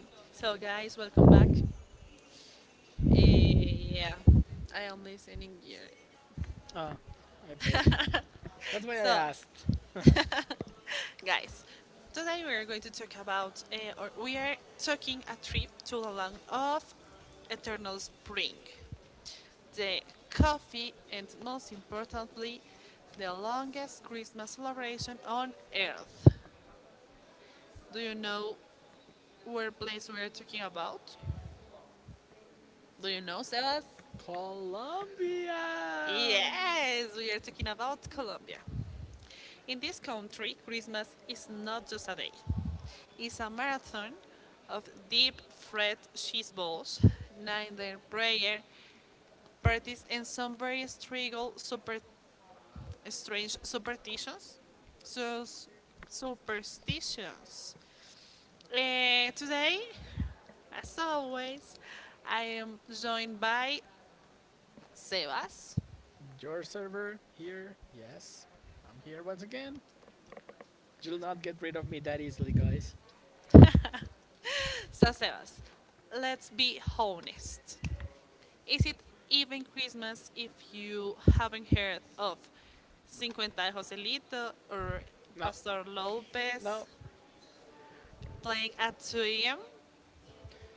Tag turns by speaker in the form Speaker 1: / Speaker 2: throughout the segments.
Speaker 1: So, guys, welcome back. Yeah, I am listening here.
Speaker 2: Ah, I told you. That's why I
Speaker 1: So,
Speaker 2: asked.
Speaker 1: guys, today we are going to talk about, or we are taking a trip to the land of eternal spring, the coffee, and most importantly, the longest Christmas celebration on earth. Do you know where place we are talking about? Do you know, Sebas?
Speaker 2: Colombia.
Speaker 1: Yes, we are talking about Colombia. In this country, Christmas is not just a day, it's a marathon of deep fried cheese balls, night prayer, parties, and some very strange superstitions. So, superstitions. Today, as always, I am joined by Sebas.
Speaker 2: Your server here? Yes, I'm here once again. You'll not get rid of me that easily, guys.
Speaker 1: So, Sebas, let's be honest. Is it even Christmas if you haven't heard of Cinquenta Joselito or
Speaker 2: No,
Speaker 1: Pastor
Speaker 2: no.
Speaker 1: Lopez playing at 2 a.m.?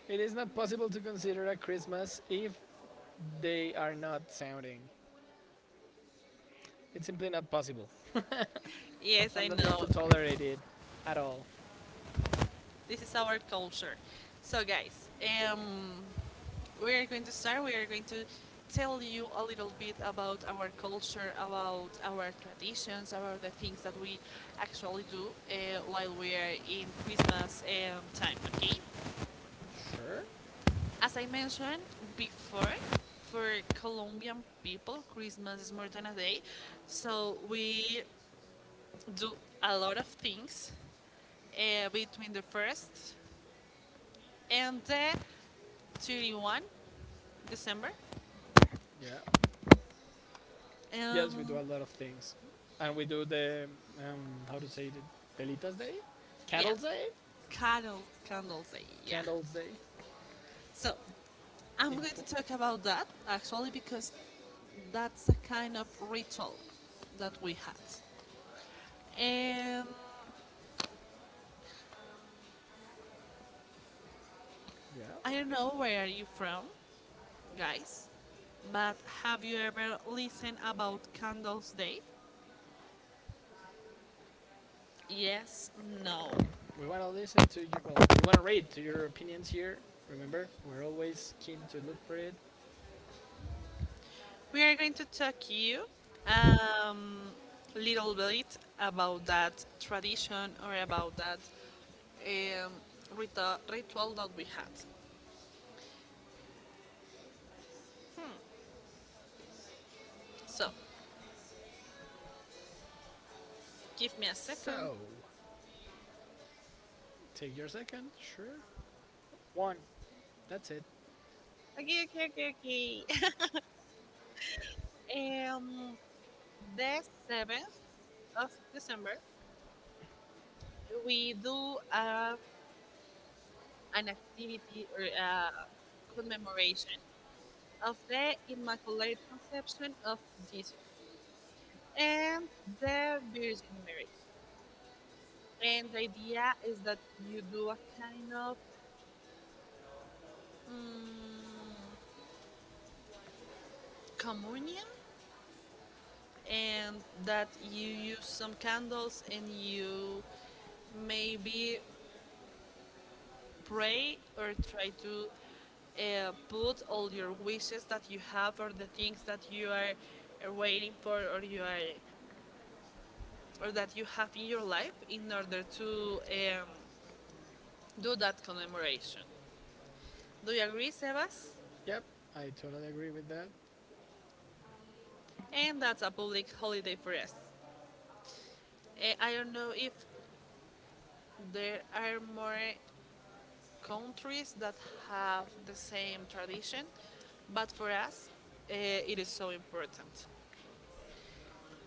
Speaker 2: It is not possible to consider a Christmas if they are not sounding. It's simply not possible.
Speaker 1: Yes, I
Speaker 2: I'm not going
Speaker 1: know.
Speaker 2: to tolerate it at all.
Speaker 1: This is our culture. So, guys, um, we are going to start. We are going to tell you a little bit about our culture, about our traditions, about the things that we actually do while we are in Christmas time, okay?
Speaker 2: Sure?
Speaker 1: As I mentioned before, for Colombian people, Christmas is more than a day. So we do a lot of things between the 1st and the 31st December.
Speaker 2: Yeah. Yes, we do
Speaker 1: Um,
Speaker 2: a lot of things, and we do the how to say it, Velitas Day,
Speaker 1: yeah,
Speaker 2: Candles Day,
Speaker 1: candle, candles day, yeah.
Speaker 2: Candles Day.
Speaker 1: So I'm
Speaker 2: In
Speaker 1: going to talk about that actually because that's a kind of ritual that we had. And
Speaker 2: yeah,
Speaker 1: I don't know where are you from, guys. But have you ever listened about Candles Day? Yes, no.
Speaker 2: we want to listen to you. Well, we want to read to your opinions here. Remember, we're always keen to look for it.
Speaker 1: We are going to talk you um, little bit about that tradition or about that um, ritual that we had. So, give me a second.
Speaker 2: So, take your second. Sure. One. That's it.
Speaker 1: Okay, okay, okay, okay. Um, the 7th of December, we do an activity or a commemoration of the Immaculate Conception of Jesus and the Virgin Mary. And the idea is that you do a kind of mm, communion and that you use some candles and you maybe pray or try to put all your wishes that you have or the things that you are waiting for or that you have in your life in order to um, do that commemoration. Do you agree, Sebas?
Speaker 2: Yep, I totally agree with that.
Speaker 1: And that's a public holiday for us. I don't know if there are more countries that have the same tradition, but for us, it is so important.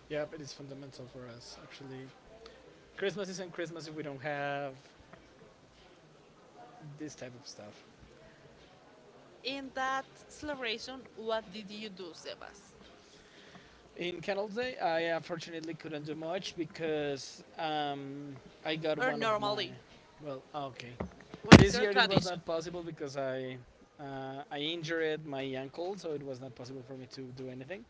Speaker 2: Yep, it is fundamental for us actually. Christmas isn't Christmas if we don't have this type of stuff.
Speaker 1: In that celebration, what did you do, Sebas?
Speaker 2: In Canal Day, I unfortunately couldn't do much because I got
Speaker 1: Or
Speaker 2: one of my.
Speaker 1: normally,
Speaker 2: Well, ah, okay.
Speaker 1: what is
Speaker 2: This
Speaker 1: your
Speaker 2: year it was
Speaker 1: tradition?
Speaker 2: not possible because I injured my ankle, so it was not possible for me to do anything.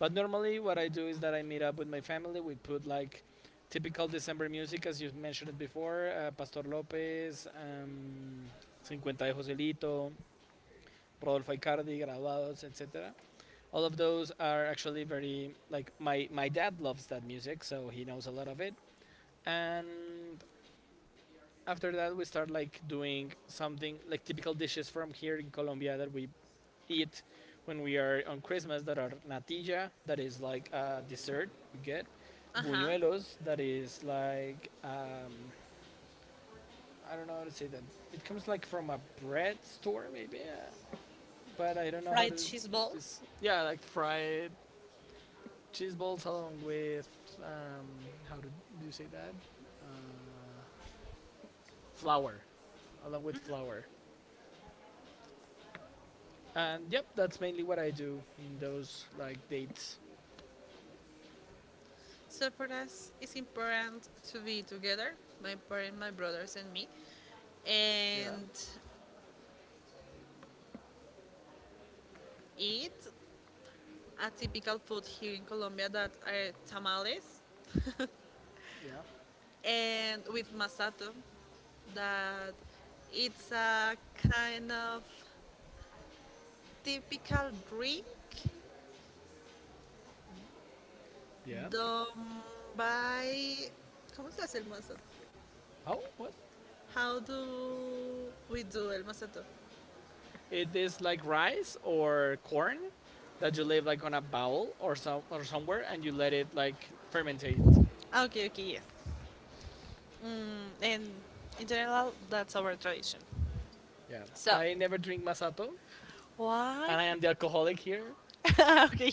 Speaker 2: But normally, what I do is that I meet up with my family. We put like typical December music, as you mentioned it before Pastor Lopez, 50 de Joselito, Rodolfo Icardi, Graduados, etc, all of those are actually very like my dad loves that music, so he knows a lot of it. And after that we start like doing something like typical dishes from here in Colombia that we eat when we are on Christmas, that are natilla, that is like a dessert we get,
Speaker 1: Uh huh.
Speaker 2: buñuelos, that is like um, I don't know how to say that. It comes like from a bread store maybe but I don't know how to.
Speaker 1: Fried cheese balls.
Speaker 2: This, yeah, like fried cheese balls along with how do, do you say that uh, flour, along with flour. And yep, that's mainly what I do in those like dates.
Speaker 1: So for us, it's important to be together, my parents, my brothers, and me,
Speaker 2: Yeah,
Speaker 1: and eat a typical food here in Colombia that are tamales,
Speaker 2: yeah.
Speaker 1: and with masato, that it's a kind of typical drink
Speaker 2: Yeah.
Speaker 1: done by. ¿Cómo se hace el masato?
Speaker 2: Oh, what?
Speaker 1: How do we do el masato?
Speaker 2: It is like rice or corn that you leave like on a bowl or some or somewhere, and you let it like fermentate.
Speaker 1: Ah, okay, okay, yes. And in general, that's our tradition.
Speaker 2: Yeah.
Speaker 1: So,
Speaker 2: I never drink masato,
Speaker 1: why?
Speaker 2: and I am the alcoholic here.
Speaker 1: Okay.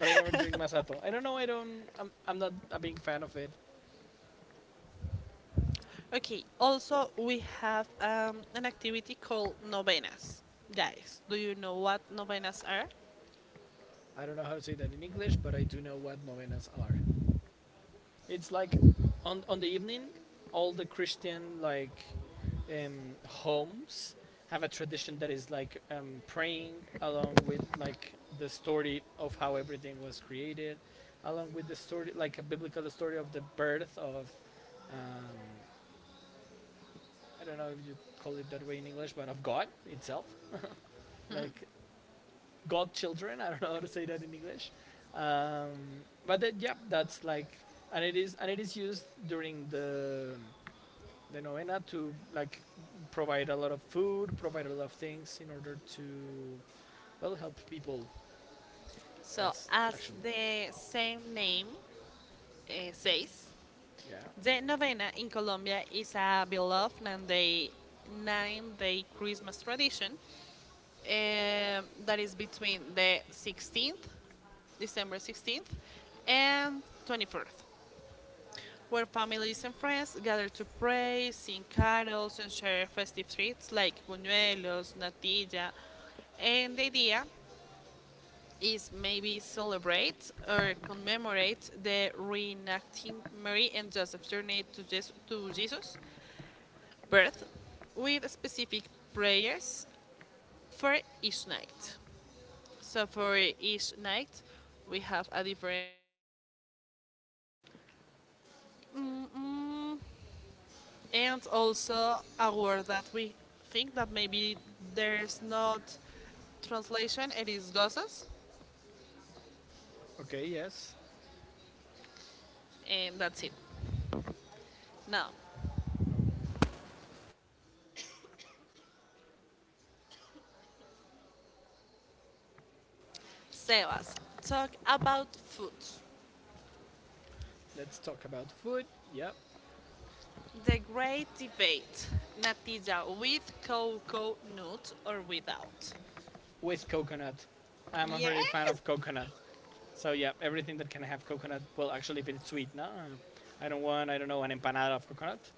Speaker 2: But I never drink masato. I don't know. I don't. I'm not a big fan of it.
Speaker 1: Okay. Also, we have an activity called novenas. Guys, do you know what novenas are?
Speaker 2: I don't know how to say that in English, but I do know what novenas are. It's like on the evening, all the Christian like homes have a tradition that is like praying along with like the story of how everything was created, along with the story, like a biblical story of the birth of. Um, I don't know if you call it that way in English, but of God itself. Like god children? I don't know how to say that in English, but then, yeah, that's like, and it is used during the novena to like provide a lot of food, provide a lot of things in order to well help people.
Speaker 1: So,
Speaker 2: That's
Speaker 1: as
Speaker 2: actually
Speaker 1: the same name says,
Speaker 2: yeah.
Speaker 1: the novena in Colombia is a beloved 9-day Christmas tradition that is between the 16th, December 16th, and 24th, where families and friends gather to pray, sing carols, and share festive treats like buñuelos, natilla. And the idea is maybe celebrate or commemorate the reenacting Mary and Joseph's journey to, to Jesus' birth with specific prayers for each night. So for each night, we have a different, mm, and also a word that we think that maybe there's not translation. It is gozas,
Speaker 2: Okay. Yes.
Speaker 1: and that's it. Now, Sebas, talk about food.
Speaker 2: Let's talk about food. Yep.
Speaker 1: The great debate: natilla with cocoa nut or without?
Speaker 2: With coconut. I'm a very fan
Speaker 1: Yes.
Speaker 2: of coconut. So yeah, everything that can have coconut. Well, actually, if it's sweet, no, I don't want. I don't know an empanada of coconut,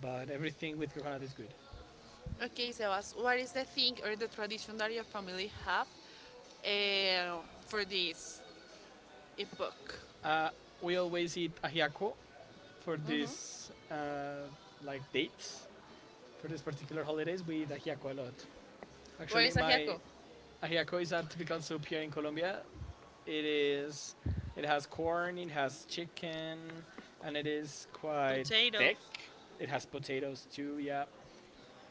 Speaker 2: but everything with coconut is good.
Speaker 1: Okay, Sebas, what is the thing or the tradition that your family have eh, for this epoch?
Speaker 2: Uh, we always eat ajiaco for this like dates, for this particular holidays. We eat ajiaco a lot. Actually, my ajiaco is a typical soup here in Colombia. It is. It has corn. It has chicken, and it is quite
Speaker 1: Potatoes.
Speaker 2: thick. It has potatoes too. Yeah,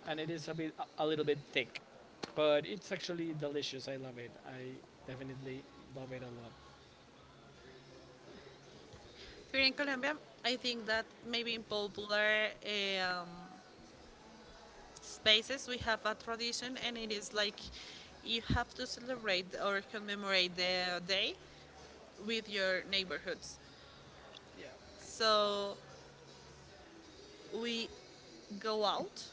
Speaker 2: and it is a little bit thick, but it's actually delicious. I love it. I definitely love it a lot.
Speaker 1: Here in Colombia, I think that maybe in popular spaces we have a tradition, and it is like you have to celebrate or commemorate the day with your neighborhoods.
Speaker 2: Yeah,
Speaker 1: So we go out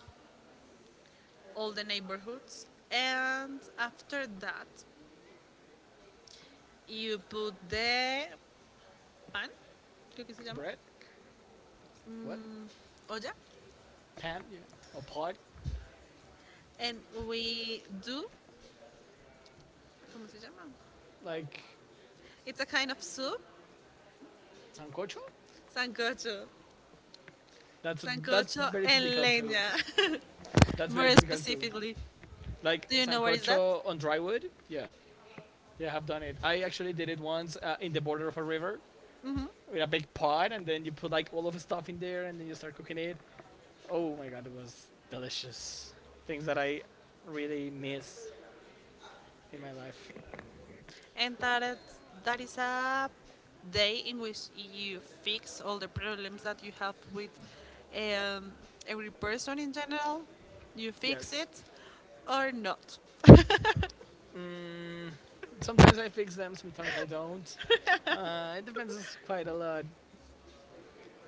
Speaker 1: all the neighborhoods and after that you put the pan, creo que se llama,
Speaker 2: bread, what
Speaker 1: olla,
Speaker 2: pan? Yeah, a pot
Speaker 1: and we do, ¿cómo se llama?
Speaker 2: like
Speaker 1: It's a kind of soup,
Speaker 2: sancocho.
Speaker 1: sancocho,
Speaker 2: That's
Speaker 1: sancocho
Speaker 2: very
Speaker 1: and
Speaker 2: typical too.
Speaker 1: leña,
Speaker 2: That's very
Speaker 1: more
Speaker 2: typical too.
Speaker 1: specifically.
Speaker 2: Like
Speaker 1: Do you know what is that?
Speaker 2: sancocho on dry wood. Yeah, yeah, I've done it. I actually did it once in the border of a river
Speaker 1: Hmm.
Speaker 2: with a big pot, and then you put like all of the stuff in there, and then you start cooking it. Oh my god, it was delicious. Things that I really miss in my life.
Speaker 1: And that is a day in which you fix all the problems that you have with um, every person in general. You fix
Speaker 2: Yes.
Speaker 1: it or not.
Speaker 2: Mm, sometimes I fix them, sometimes I don't. It depends quite a lot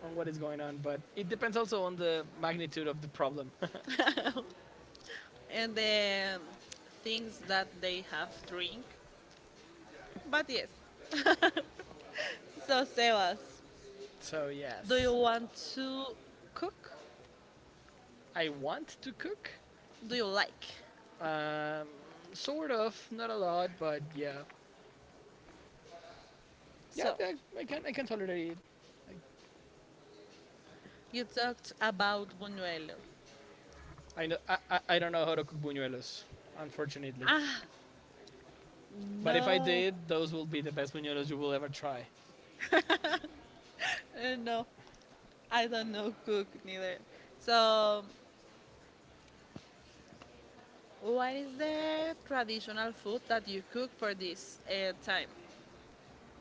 Speaker 2: on what is going on, but it depends also on the magnitude of the problem.
Speaker 1: And the things that they have drink. But yes. So, Sebas,
Speaker 2: So
Speaker 1: do you
Speaker 2: yes,
Speaker 1: want to cook?
Speaker 2: I want to cook.
Speaker 1: Do you like?
Speaker 2: Um, sort of, not a lot, but yeah, yeah,
Speaker 1: So,
Speaker 2: I can I can tolerate it. I,
Speaker 1: you talked about Buñuelo.
Speaker 2: I know I don't know how to cook buñuelos, unfortunately.
Speaker 1: Ah,
Speaker 2: But if I
Speaker 1: no.
Speaker 2: did, those will be the best buñuelos you will ever try.
Speaker 1: No. I don't know cook neither. So, what is the traditional food that you cook for this time?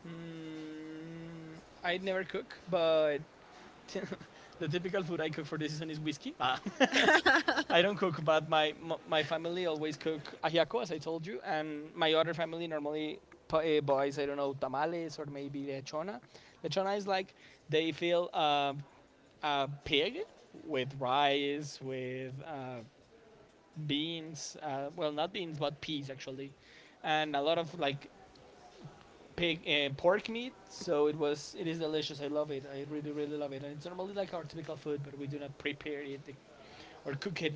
Speaker 2: Mm, I never cook, but the typical food I cook for this season is whiskey. Ah. I don't cook, but my family always cook ajiaco, as I told you, and my other family normally buys I don't know tamales or maybe lechona. Lechona is like they fill a pig with rice with beans, well not beans but peas actually, and a lot of like pig pork meat. So it was, it is delicious, I love it, I really really love it, and it's normally like our typical food, but we do not prepare it or cook it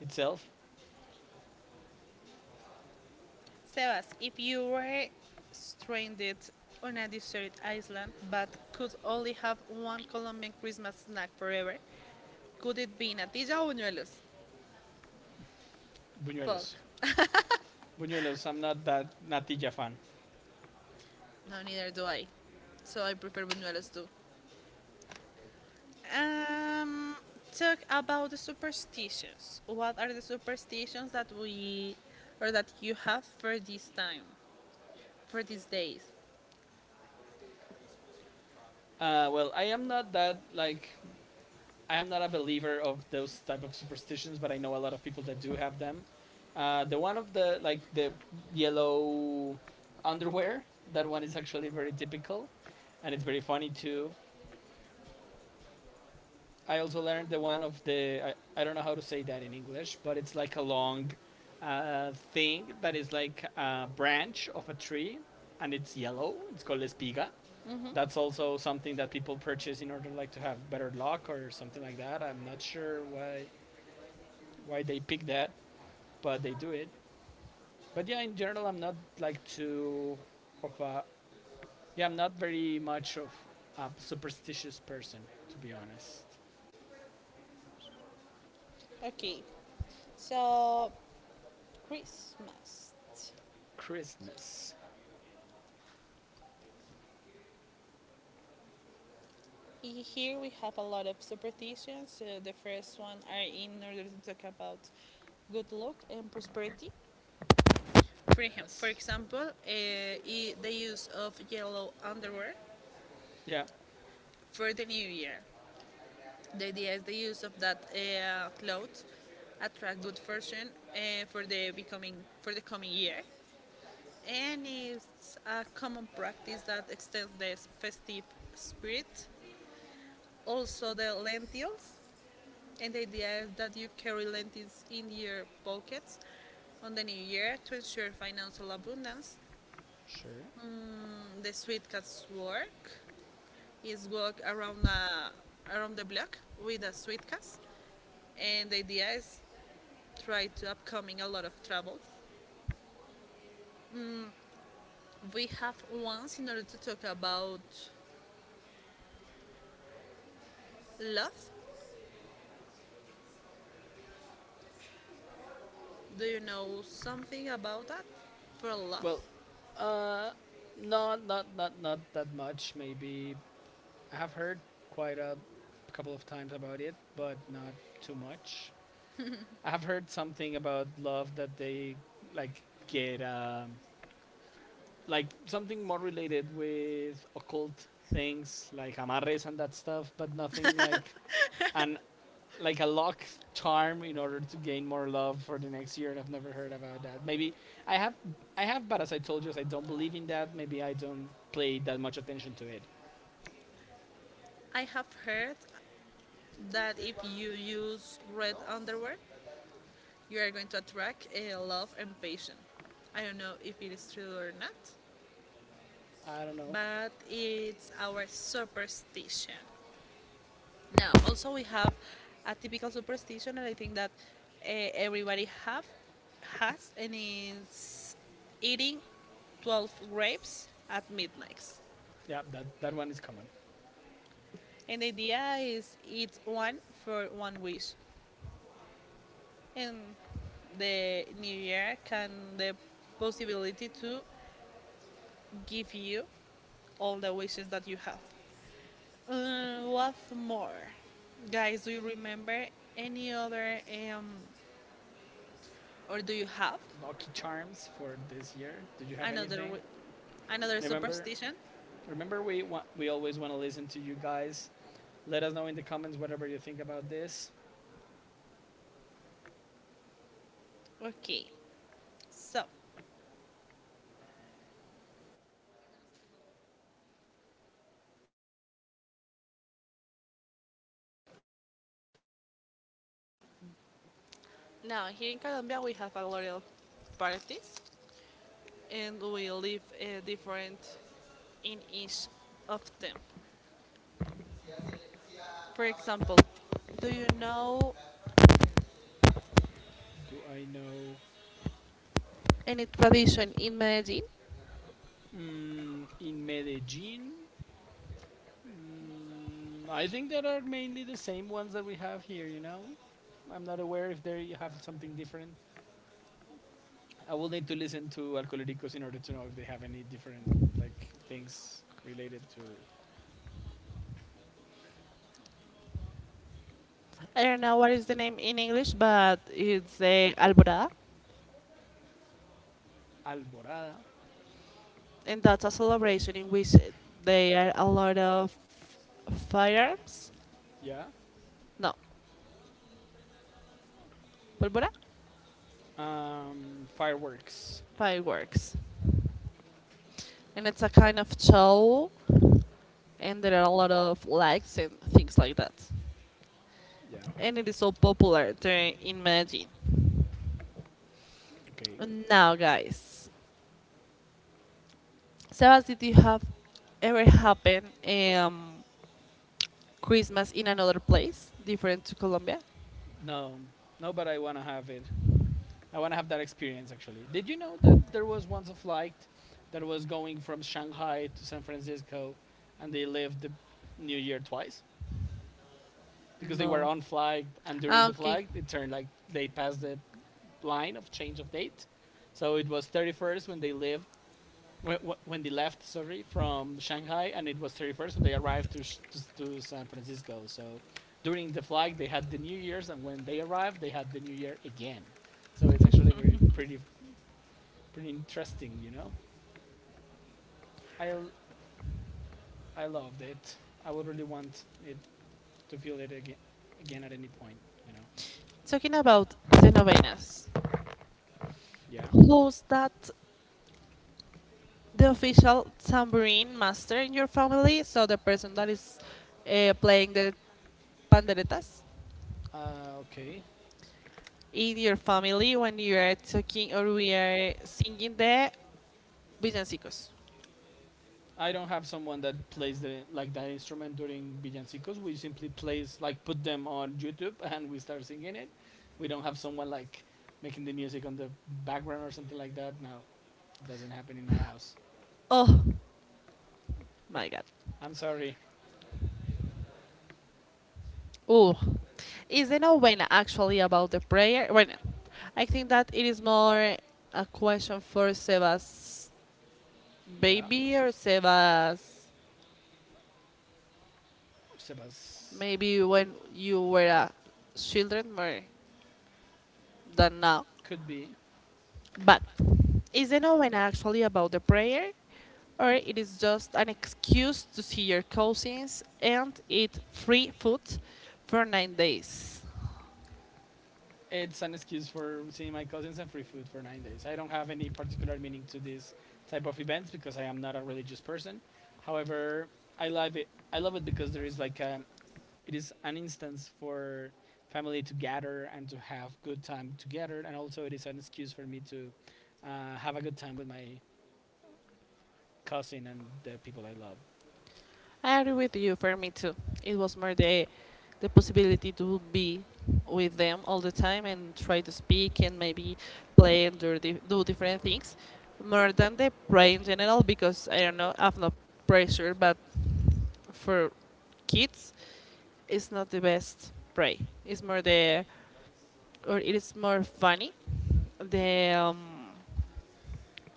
Speaker 2: itself.
Speaker 1: Sebas, if you were stranded on a desert island but could only have one Colombian Christmas snack forever, could it be natilla or buñuelos? Fuck.
Speaker 2: Buñuelos. Buñuelos, I'm not that natilla fan.
Speaker 1: No, neither do I. So I prefer buñuelos too. Um, Talk about the superstitions. What are the superstitions that we or that you have for this time, for these days?
Speaker 2: Well, I am not that like I am not a believer of those type of superstitions, but I know a lot of people that do have them. The one of the like the yellow underwear, that one is actually very typical, and it's very funny too. I also learned the one of the I don't know how to say that in English, but it's like a long thing that is like a branch of a tree, and it's yellow. It's called espiga. That's also something that people purchase in order like to have better luck or something like that. I'm not sure why they pick that, but they do it. But yeah, in general, I'm not like too of a yeah, I'm not very much of a superstitious person, to be honest.
Speaker 1: Okay, so Christmas.
Speaker 2: Christmas,
Speaker 1: Here we have a lot of superstitions. So the first one are in order to talk about good luck and prosperity. For him, for
Speaker 2: yes,
Speaker 1: example, the use of yellow underwear
Speaker 2: yeah.
Speaker 1: for the new year. The idea is the use of that clothes attract good fortune uh, for the becoming for the coming year, and it's a common practice that extends the festive spirit. Also, the lentils, and the idea is that you carry lentils in your pockets on the new year to ensure financial abundance.
Speaker 2: Sure.
Speaker 1: The sweet cat's work is walk around around the block with a sweet cat, and the idea is try to upcoming a lot of travels. We have once in order to talk about love. Do you know something about that for love?
Speaker 2: Well, uh, not not that much. Maybe I have heard quite a couple of times about it, but not too much. I have heard something about love that they like get like something more related with occult things like amarres and that stuff, but nothing like an like a luck charm in order to gain more love for the next year. And I've never heard about that. Maybe I have, I have, but as I told you, as I don't believe in that, maybe I don't pay that much attention to it.
Speaker 1: I have heard that if you use red underwear, you are going to attract a love and passion. I don't know if it is true or not,
Speaker 2: I don't know.
Speaker 1: but it's our superstition. Now, also we have a typical superstition that I think that everybody have has, and is eating 12 grapes at midnight.
Speaker 2: Yeah, that that one is common.
Speaker 1: And the idea is eat one for one wish, and the new year can the possibility to give you all the wishes that you have. What more, guys? Do you remember any other um, or do you have
Speaker 2: Lucky charms for this year. Did you have
Speaker 1: another
Speaker 2: anything?
Speaker 1: re- another
Speaker 2: Remember,
Speaker 1: superstition.
Speaker 2: remember, we always want to listen to you guys. Let us know in the comments whatever you think about this.
Speaker 1: Okay. So now, here in Colombia, we have a lot of parties, and we live different in each of them. For example, do you know
Speaker 2: Do I know?
Speaker 1: any tradition in Medellin?
Speaker 2: Mm, in Medellin, mm, I think that are mainly the same ones that we have here, you know? I'm not aware if they have something different. I will need to listen to Alcoholicos in order to know if they have any different like things related to
Speaker 1: I don't know what is the name in English, but it's the Alborada,
Speaker 2: Alborada.
Speaker 1: and that's a celebration in which there are a lot of firearms.
Speaker 2: Yeah.
Speaker 1: No, pólvora,
Speaker 2: Fireworks.
Speaker 1: fireworks. And it's a kind of show, and there are a lot of likes and things like that.
Speaker 2: Yeah.
Speaker 1: And it is so popular to imagine.
Speaker 2: Okay.
Speaker 1: Now, guys, Sebas, did you have ever happen um, Christmas in another place different to Colombia?
Speaker 2: No, no, but I wanna have it. I wanna have that experience actually. Did you know that there was once a flight that was going from Shanghai to San Francisco, and they lived the New Year twice? Because they were
Speaker 1: No.
Speaker 2: unflagged, and during
Speaker 1: Ah,
Speaker 2: the
Speaker 1: okay.
Speaker 2: flag, it turned like they passed the line of change of date. So it was 31st when they lived, wh- when they left, sorry, from Shanghai, and it was 31st when they arrived to, to San Francisco. So during the flag, they had the New Year's, and when they arrived, they had the New Year again. So it's actually very pretty, pretty interesting, you know. I l- I loved it. I would really want it to feel it again, again at any point, you know.
Speaker 1: Talking about the novenas,
Speaker 2: Yeah.
Speaker 1: who's that the official tambourine master in your family? So the person that is playing the panderetas
Speaker 2: Okay.
Speaker 1: in your family when you are talking or we are singing the villancicos.
Speaker 2: I don't have someone that plays the like that instrument during villancicos. We simply plays like put them on YouTube and we start singing it. We don't have someone like making the music on the background or something like that. No, doesn't happen in my house.
Speaker 1: Oh my god.
Speaker 2: I'm sorry.
Speaker 1: Oh, is the novena actually about the prayer? Well, I think that it is more a question for Sebas
Speaker 2: Yeah,
Speaker 1: baby or Sebas
Speaker 2: Sebas
Speaker 1: maybe when you were a children more than now.
Speaker 2: could be.
Speaker 1: But is the novena actually about the prayer or it is just an excuse to see your cousins and eat free food for 9 days?
Speaker 2: It's an excuse for seeing my cousins and free food for 9 days. I don't have any particular meaning to this type of events because I am not a religious person. However, I love it. I love it because there is like a it is an instance for family to gather and to have good time together, and also it is an excuse for me to have a good time with my cousin and the people I love.
Speaker 1: I agree with you. For me too, it was more the possibility to be with them all the time and try to speak and maybe play and do different things more than the play in general because I don't know, I've no pressure, but for kids, it's not the best prey. It's more the or it is more funny the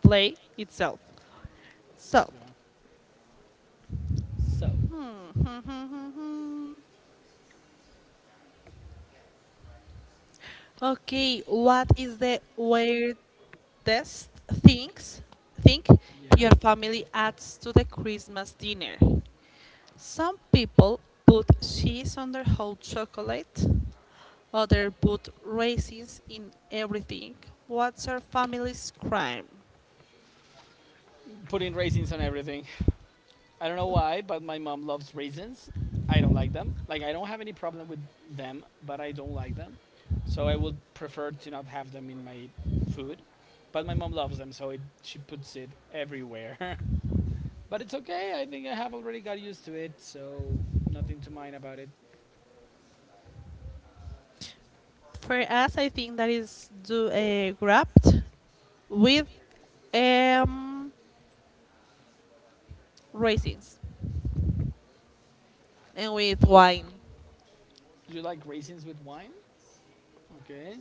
Speaker 1: play itself. So.
Speaker 2: Yeah. So,
Speaker 1: Okay, what is the weirdest things think
Speaker 2: yeah,
Speaker 1: your family adds to the Christmas dinner? Some people put cheese on their whole chocolate, others put raisins in everything. What's your family's crime?
Speaker 2: putting raisins on everything. I don't know why, but my mom loves raisins. I don't like them. Like, I don't have any problem with them, but I don't like them. So I would prefer to not have them in my food. But my mom loves them, so she puts it everywhere. But it's okay. I think I have already got used to it, so nothing to mind about it.
Speaker 1: For us, I think that is do a wrapped with um raisins and with wine.
Speaker 2: Do you like raisins with wine? Okay.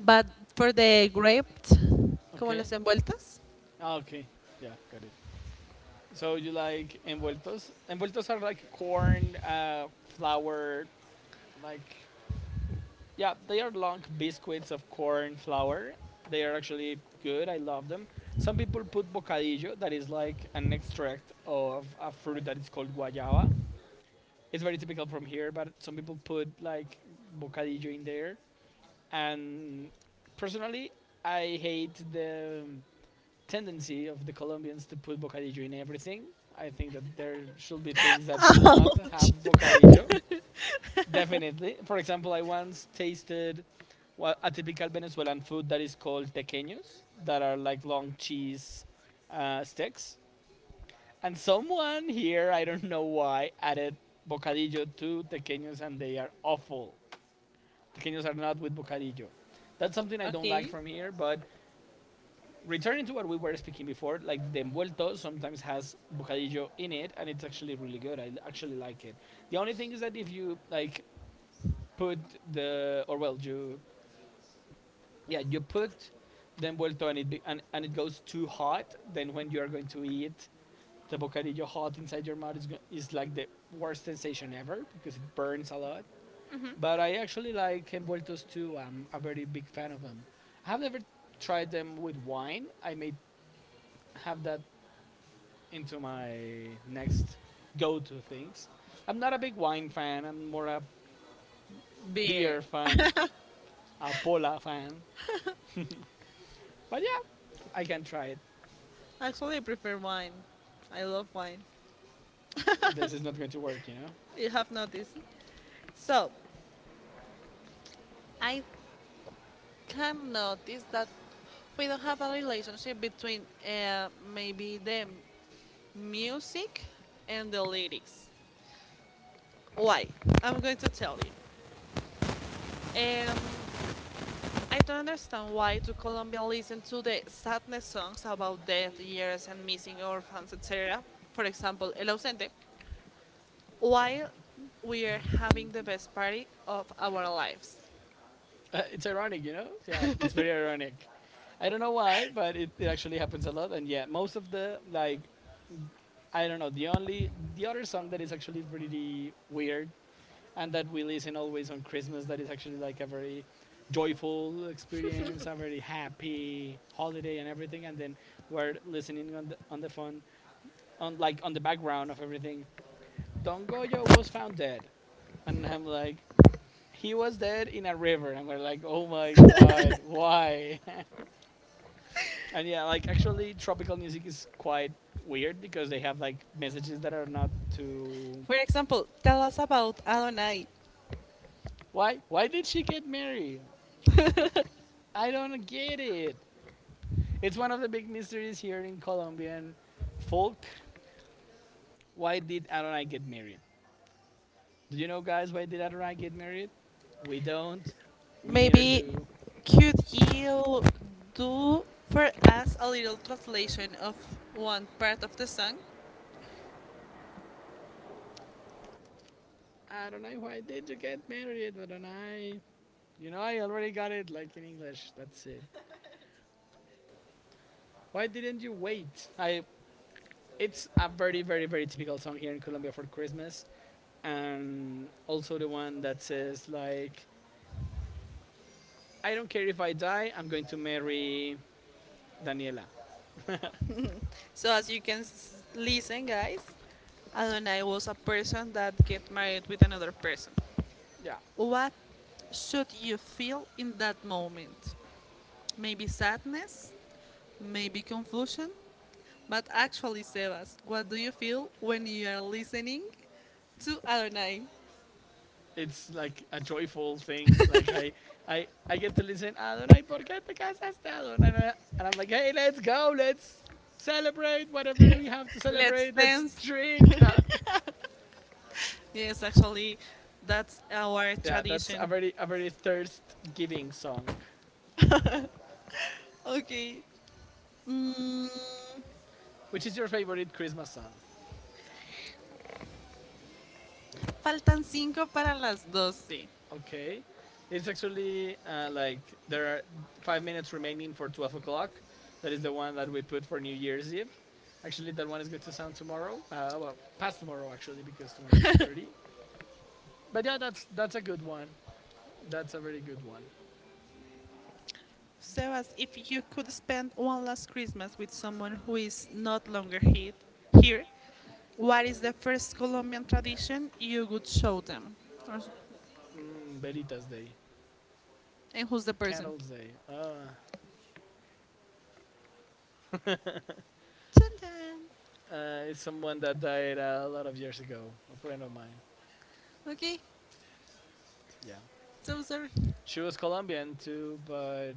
Speaker 1: But for the grapes, ¿cómo
Speaker 2: Okay.
Speaker 1: las envueltas?
Speaker 2: Ah, okay. Yeah, got it. So you like envueltos? Envueltos are like corn, flour, like, yeah, they are long biscuits of corn flour. They are actually good. I love them. Some people put bocadillo, that is like an extract of a fruit that is called guayaba. It's very typical from here, but some people put like bocadillo in there. And personally, I hate the tendency of the Colombians to put bocadillo in everything. I think that there should be things that should not have bocadillo. Definitely. For example, I once tasted, well, a typical Venezuelan food that is called tequeños, that are like long cheese sticks. And someone here, I don't know why, added bocadillo to tequeños and they are awful. Pequeños are not with bocadillo. That's
Speaker 1: That's something
Speaker 2: something I
Speaker 1: I don't.
Speaker 2: don't like
Speaker 1: Okay.
Speaker 2: from here, but returning to what we were speaking before, like the envuelto sometimes has bocadillo in it, and it's actually really good. I actually like it. The only thing is that if you like put the or well you yeah you put the envuelto and it goes too hot, then when you are going to eat the bocadillo hot inside your mouth is like the worst sensation ever because it burns a lot.
Speaker 1: Hmm.
Speaker 2: But I actually like envueltos too. I'm a very big fan of them. I have never tried them with wine. I may have that into my next go-to things. I'm not a big wine fan. I'm more a
Speaker 1: Beer.
Speaker 2: beer fan, a pola fan. But yeah, I can try it.
Speaker 1: Actually, I prefer wine. I love wine.
Speaker 2: This is not going to work, you know.
Speaker 1: You have noticed. So, I can notice that we don't have a relationship between maybe the music and the lyrics. Why? I'm going to tell you. Um, I don't understand why do Colombia listen to the sadness songs about death, years, and missing orphans, etc. For example, El Ausente, while we are having the best party of our lives.
Speaker 2: It's ironic, you know? Yeah, it's very ironic. I don't know why, but it actually happens a lot. And yeah, most of the like, I don't know. The other song that is actually pretty weird and that we listen always on Christmas, that is actually like a very joyful experience, a very happy holiday and everything. And then we're listening on the phone, on like on the background of everything. Don Goyo was found dead, and I'm like, he was dead in a river, and we're like, oh my god, why? And yeah, like actually, tropical music is quite weird because they have like messages that are not too.
Speaker 1: For example, tell us about Adonai.
Speaker 2: Why? Why did she get married? I don't get it. It's one of the big mysteries here in Colombian folk. Why did Adonai get married? Do you know, guys, why did Adonai get married? We don't. We neither
Speaker 1: Maybe
Speaker 2: do.
Speaker 1: could you do for us a little translation of one part of the song?
Speaker 2: Adonai, why did you get married, Adonai? You know, I already got it like in English. That's it. Why didn't you wait? I. It's a very, very, very typical song here in Colombia for Christmas, and also the one that says like, "I don't care if I die, I'm going to marry Daniela."
Speaker 1: So as you can listen, guys, Adonai was a person that get married with another person.
Speaker 2: Yeah,
Speaker 1: What should you feel in that moment? Maybe sadness, maybe confusion, but actually, Sebas, what do you feel when you are listening to Adonai?
Speaker 2: it's like a joyful thing. Like, I get to listen Adonai, ¿por qué te casaste Adonai? And I'm like, hey, let's go, let's celebrate whatever we have to
Speaker 1: Let's
Speaker 2: celebrate. Let's
Speaker 1: dance.
Speaker 2: drink.
Speaker 1: Yes, actually, that's our. Yeah, that's
Speaker 2: Yeah, that's
Speaker 1: tradition.
Speaker 2: a very thirst-giving song.
Speaker 1: Okay. Mm,
Speaker 2: Which is your favorite Christmas song?
Speaker 1: faltan cinco para las doce.
Speaker 2: Okay. It's actually like there are five minutes remaining for 12 o'clock. That is the one that we put for New Year's Eve. Actually, that one is going to sound tomorrow. Well, past tomorrow actually, because tomorrow is 30. But yeah, that's a good one. That's a very good one.
Speaker 1: So, as if you could spend one last Christmas with someone who is not longer here, what is the first Colombian tradition you would show them? Or s-
Speaker 2: Mm, Veritas Day,
Speaker 1: And who's the person?
Speaker 2: Candles Day. Ah, uh,
Speaker 1: Dun, dun.
Speaker 2: it's someone that died a lot of years ago, a friend of mine.
Speaker 1: Okay,
Speaker 2: Yeah.
Speaker 1: so sorry.
Speaker 2: She was Colombian too, but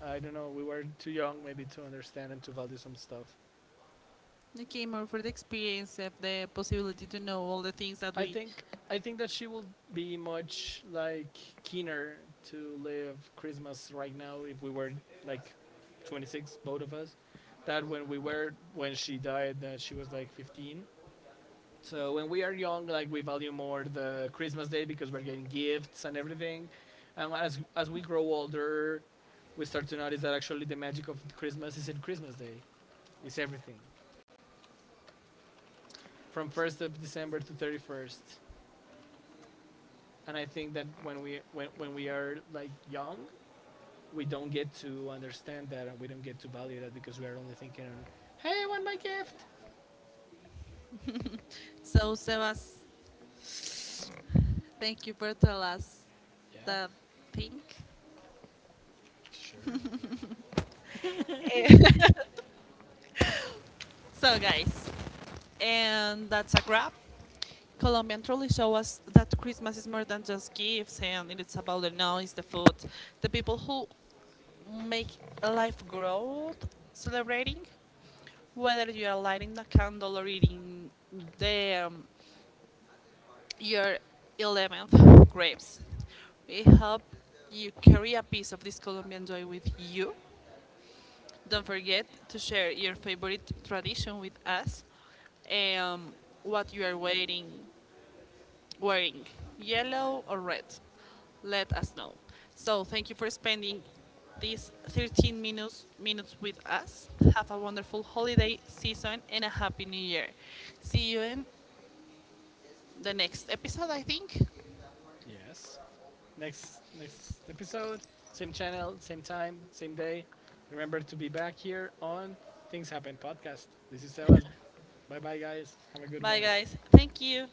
Speaker 2: I don't know. We were too young maybe to understand and to value some stuff.
Speaker 1: Okay, more for the experience of the possibility to know all the things that
Speaker 2: I
Speaker 1: we.
Speaker 2: think I think that she will be much like keener to live Christmas right now if we were like 26, both of us. That when we were, when she died, that she was like 15. So when we are young, like we value more the Christmas day because we're getting gifts and everything. And as we grow older, we start to notice that actually the magic of Christmas is in Christmas Day. Is everything from 1st of December to 31st. And I think that when we are like young, we don't get to understand that and we don't get to value that because we are only thinking on, hey, I want my gift.
Speaker 1: 15. So, Sebas, thank you for telling us
Speaker 2: Yeah,
Speaker 1: that thing.
Speaker 2: sure.
Speaker 1: Eh, so, guys, and that's a wrap. Colombian truly show us that Christmas is more than just gifts, and it's about the noise, the food, the people who make life grow, celebrating, whether you are lighting a candle or eating the, um, your 11th grapes. We hope you carry a piece of this Colombian joy with you. Don't forget to share your favorite tradition with us and what you are wearing yellow or red. Let us know. So thank you for spending these 13 minutes with us. Have a wonderful holiday season and a happy new year. See you in the next episode, I think.
Speaker 2: Yes. Next episode, same channel, same time, same day. Remember to be back here on Things Happen podcast. This is Sebas. Bye bye guys. Have a good
Speaker 1: Bye
Speaker 2: one.
Speaker 1: guys. Thank you.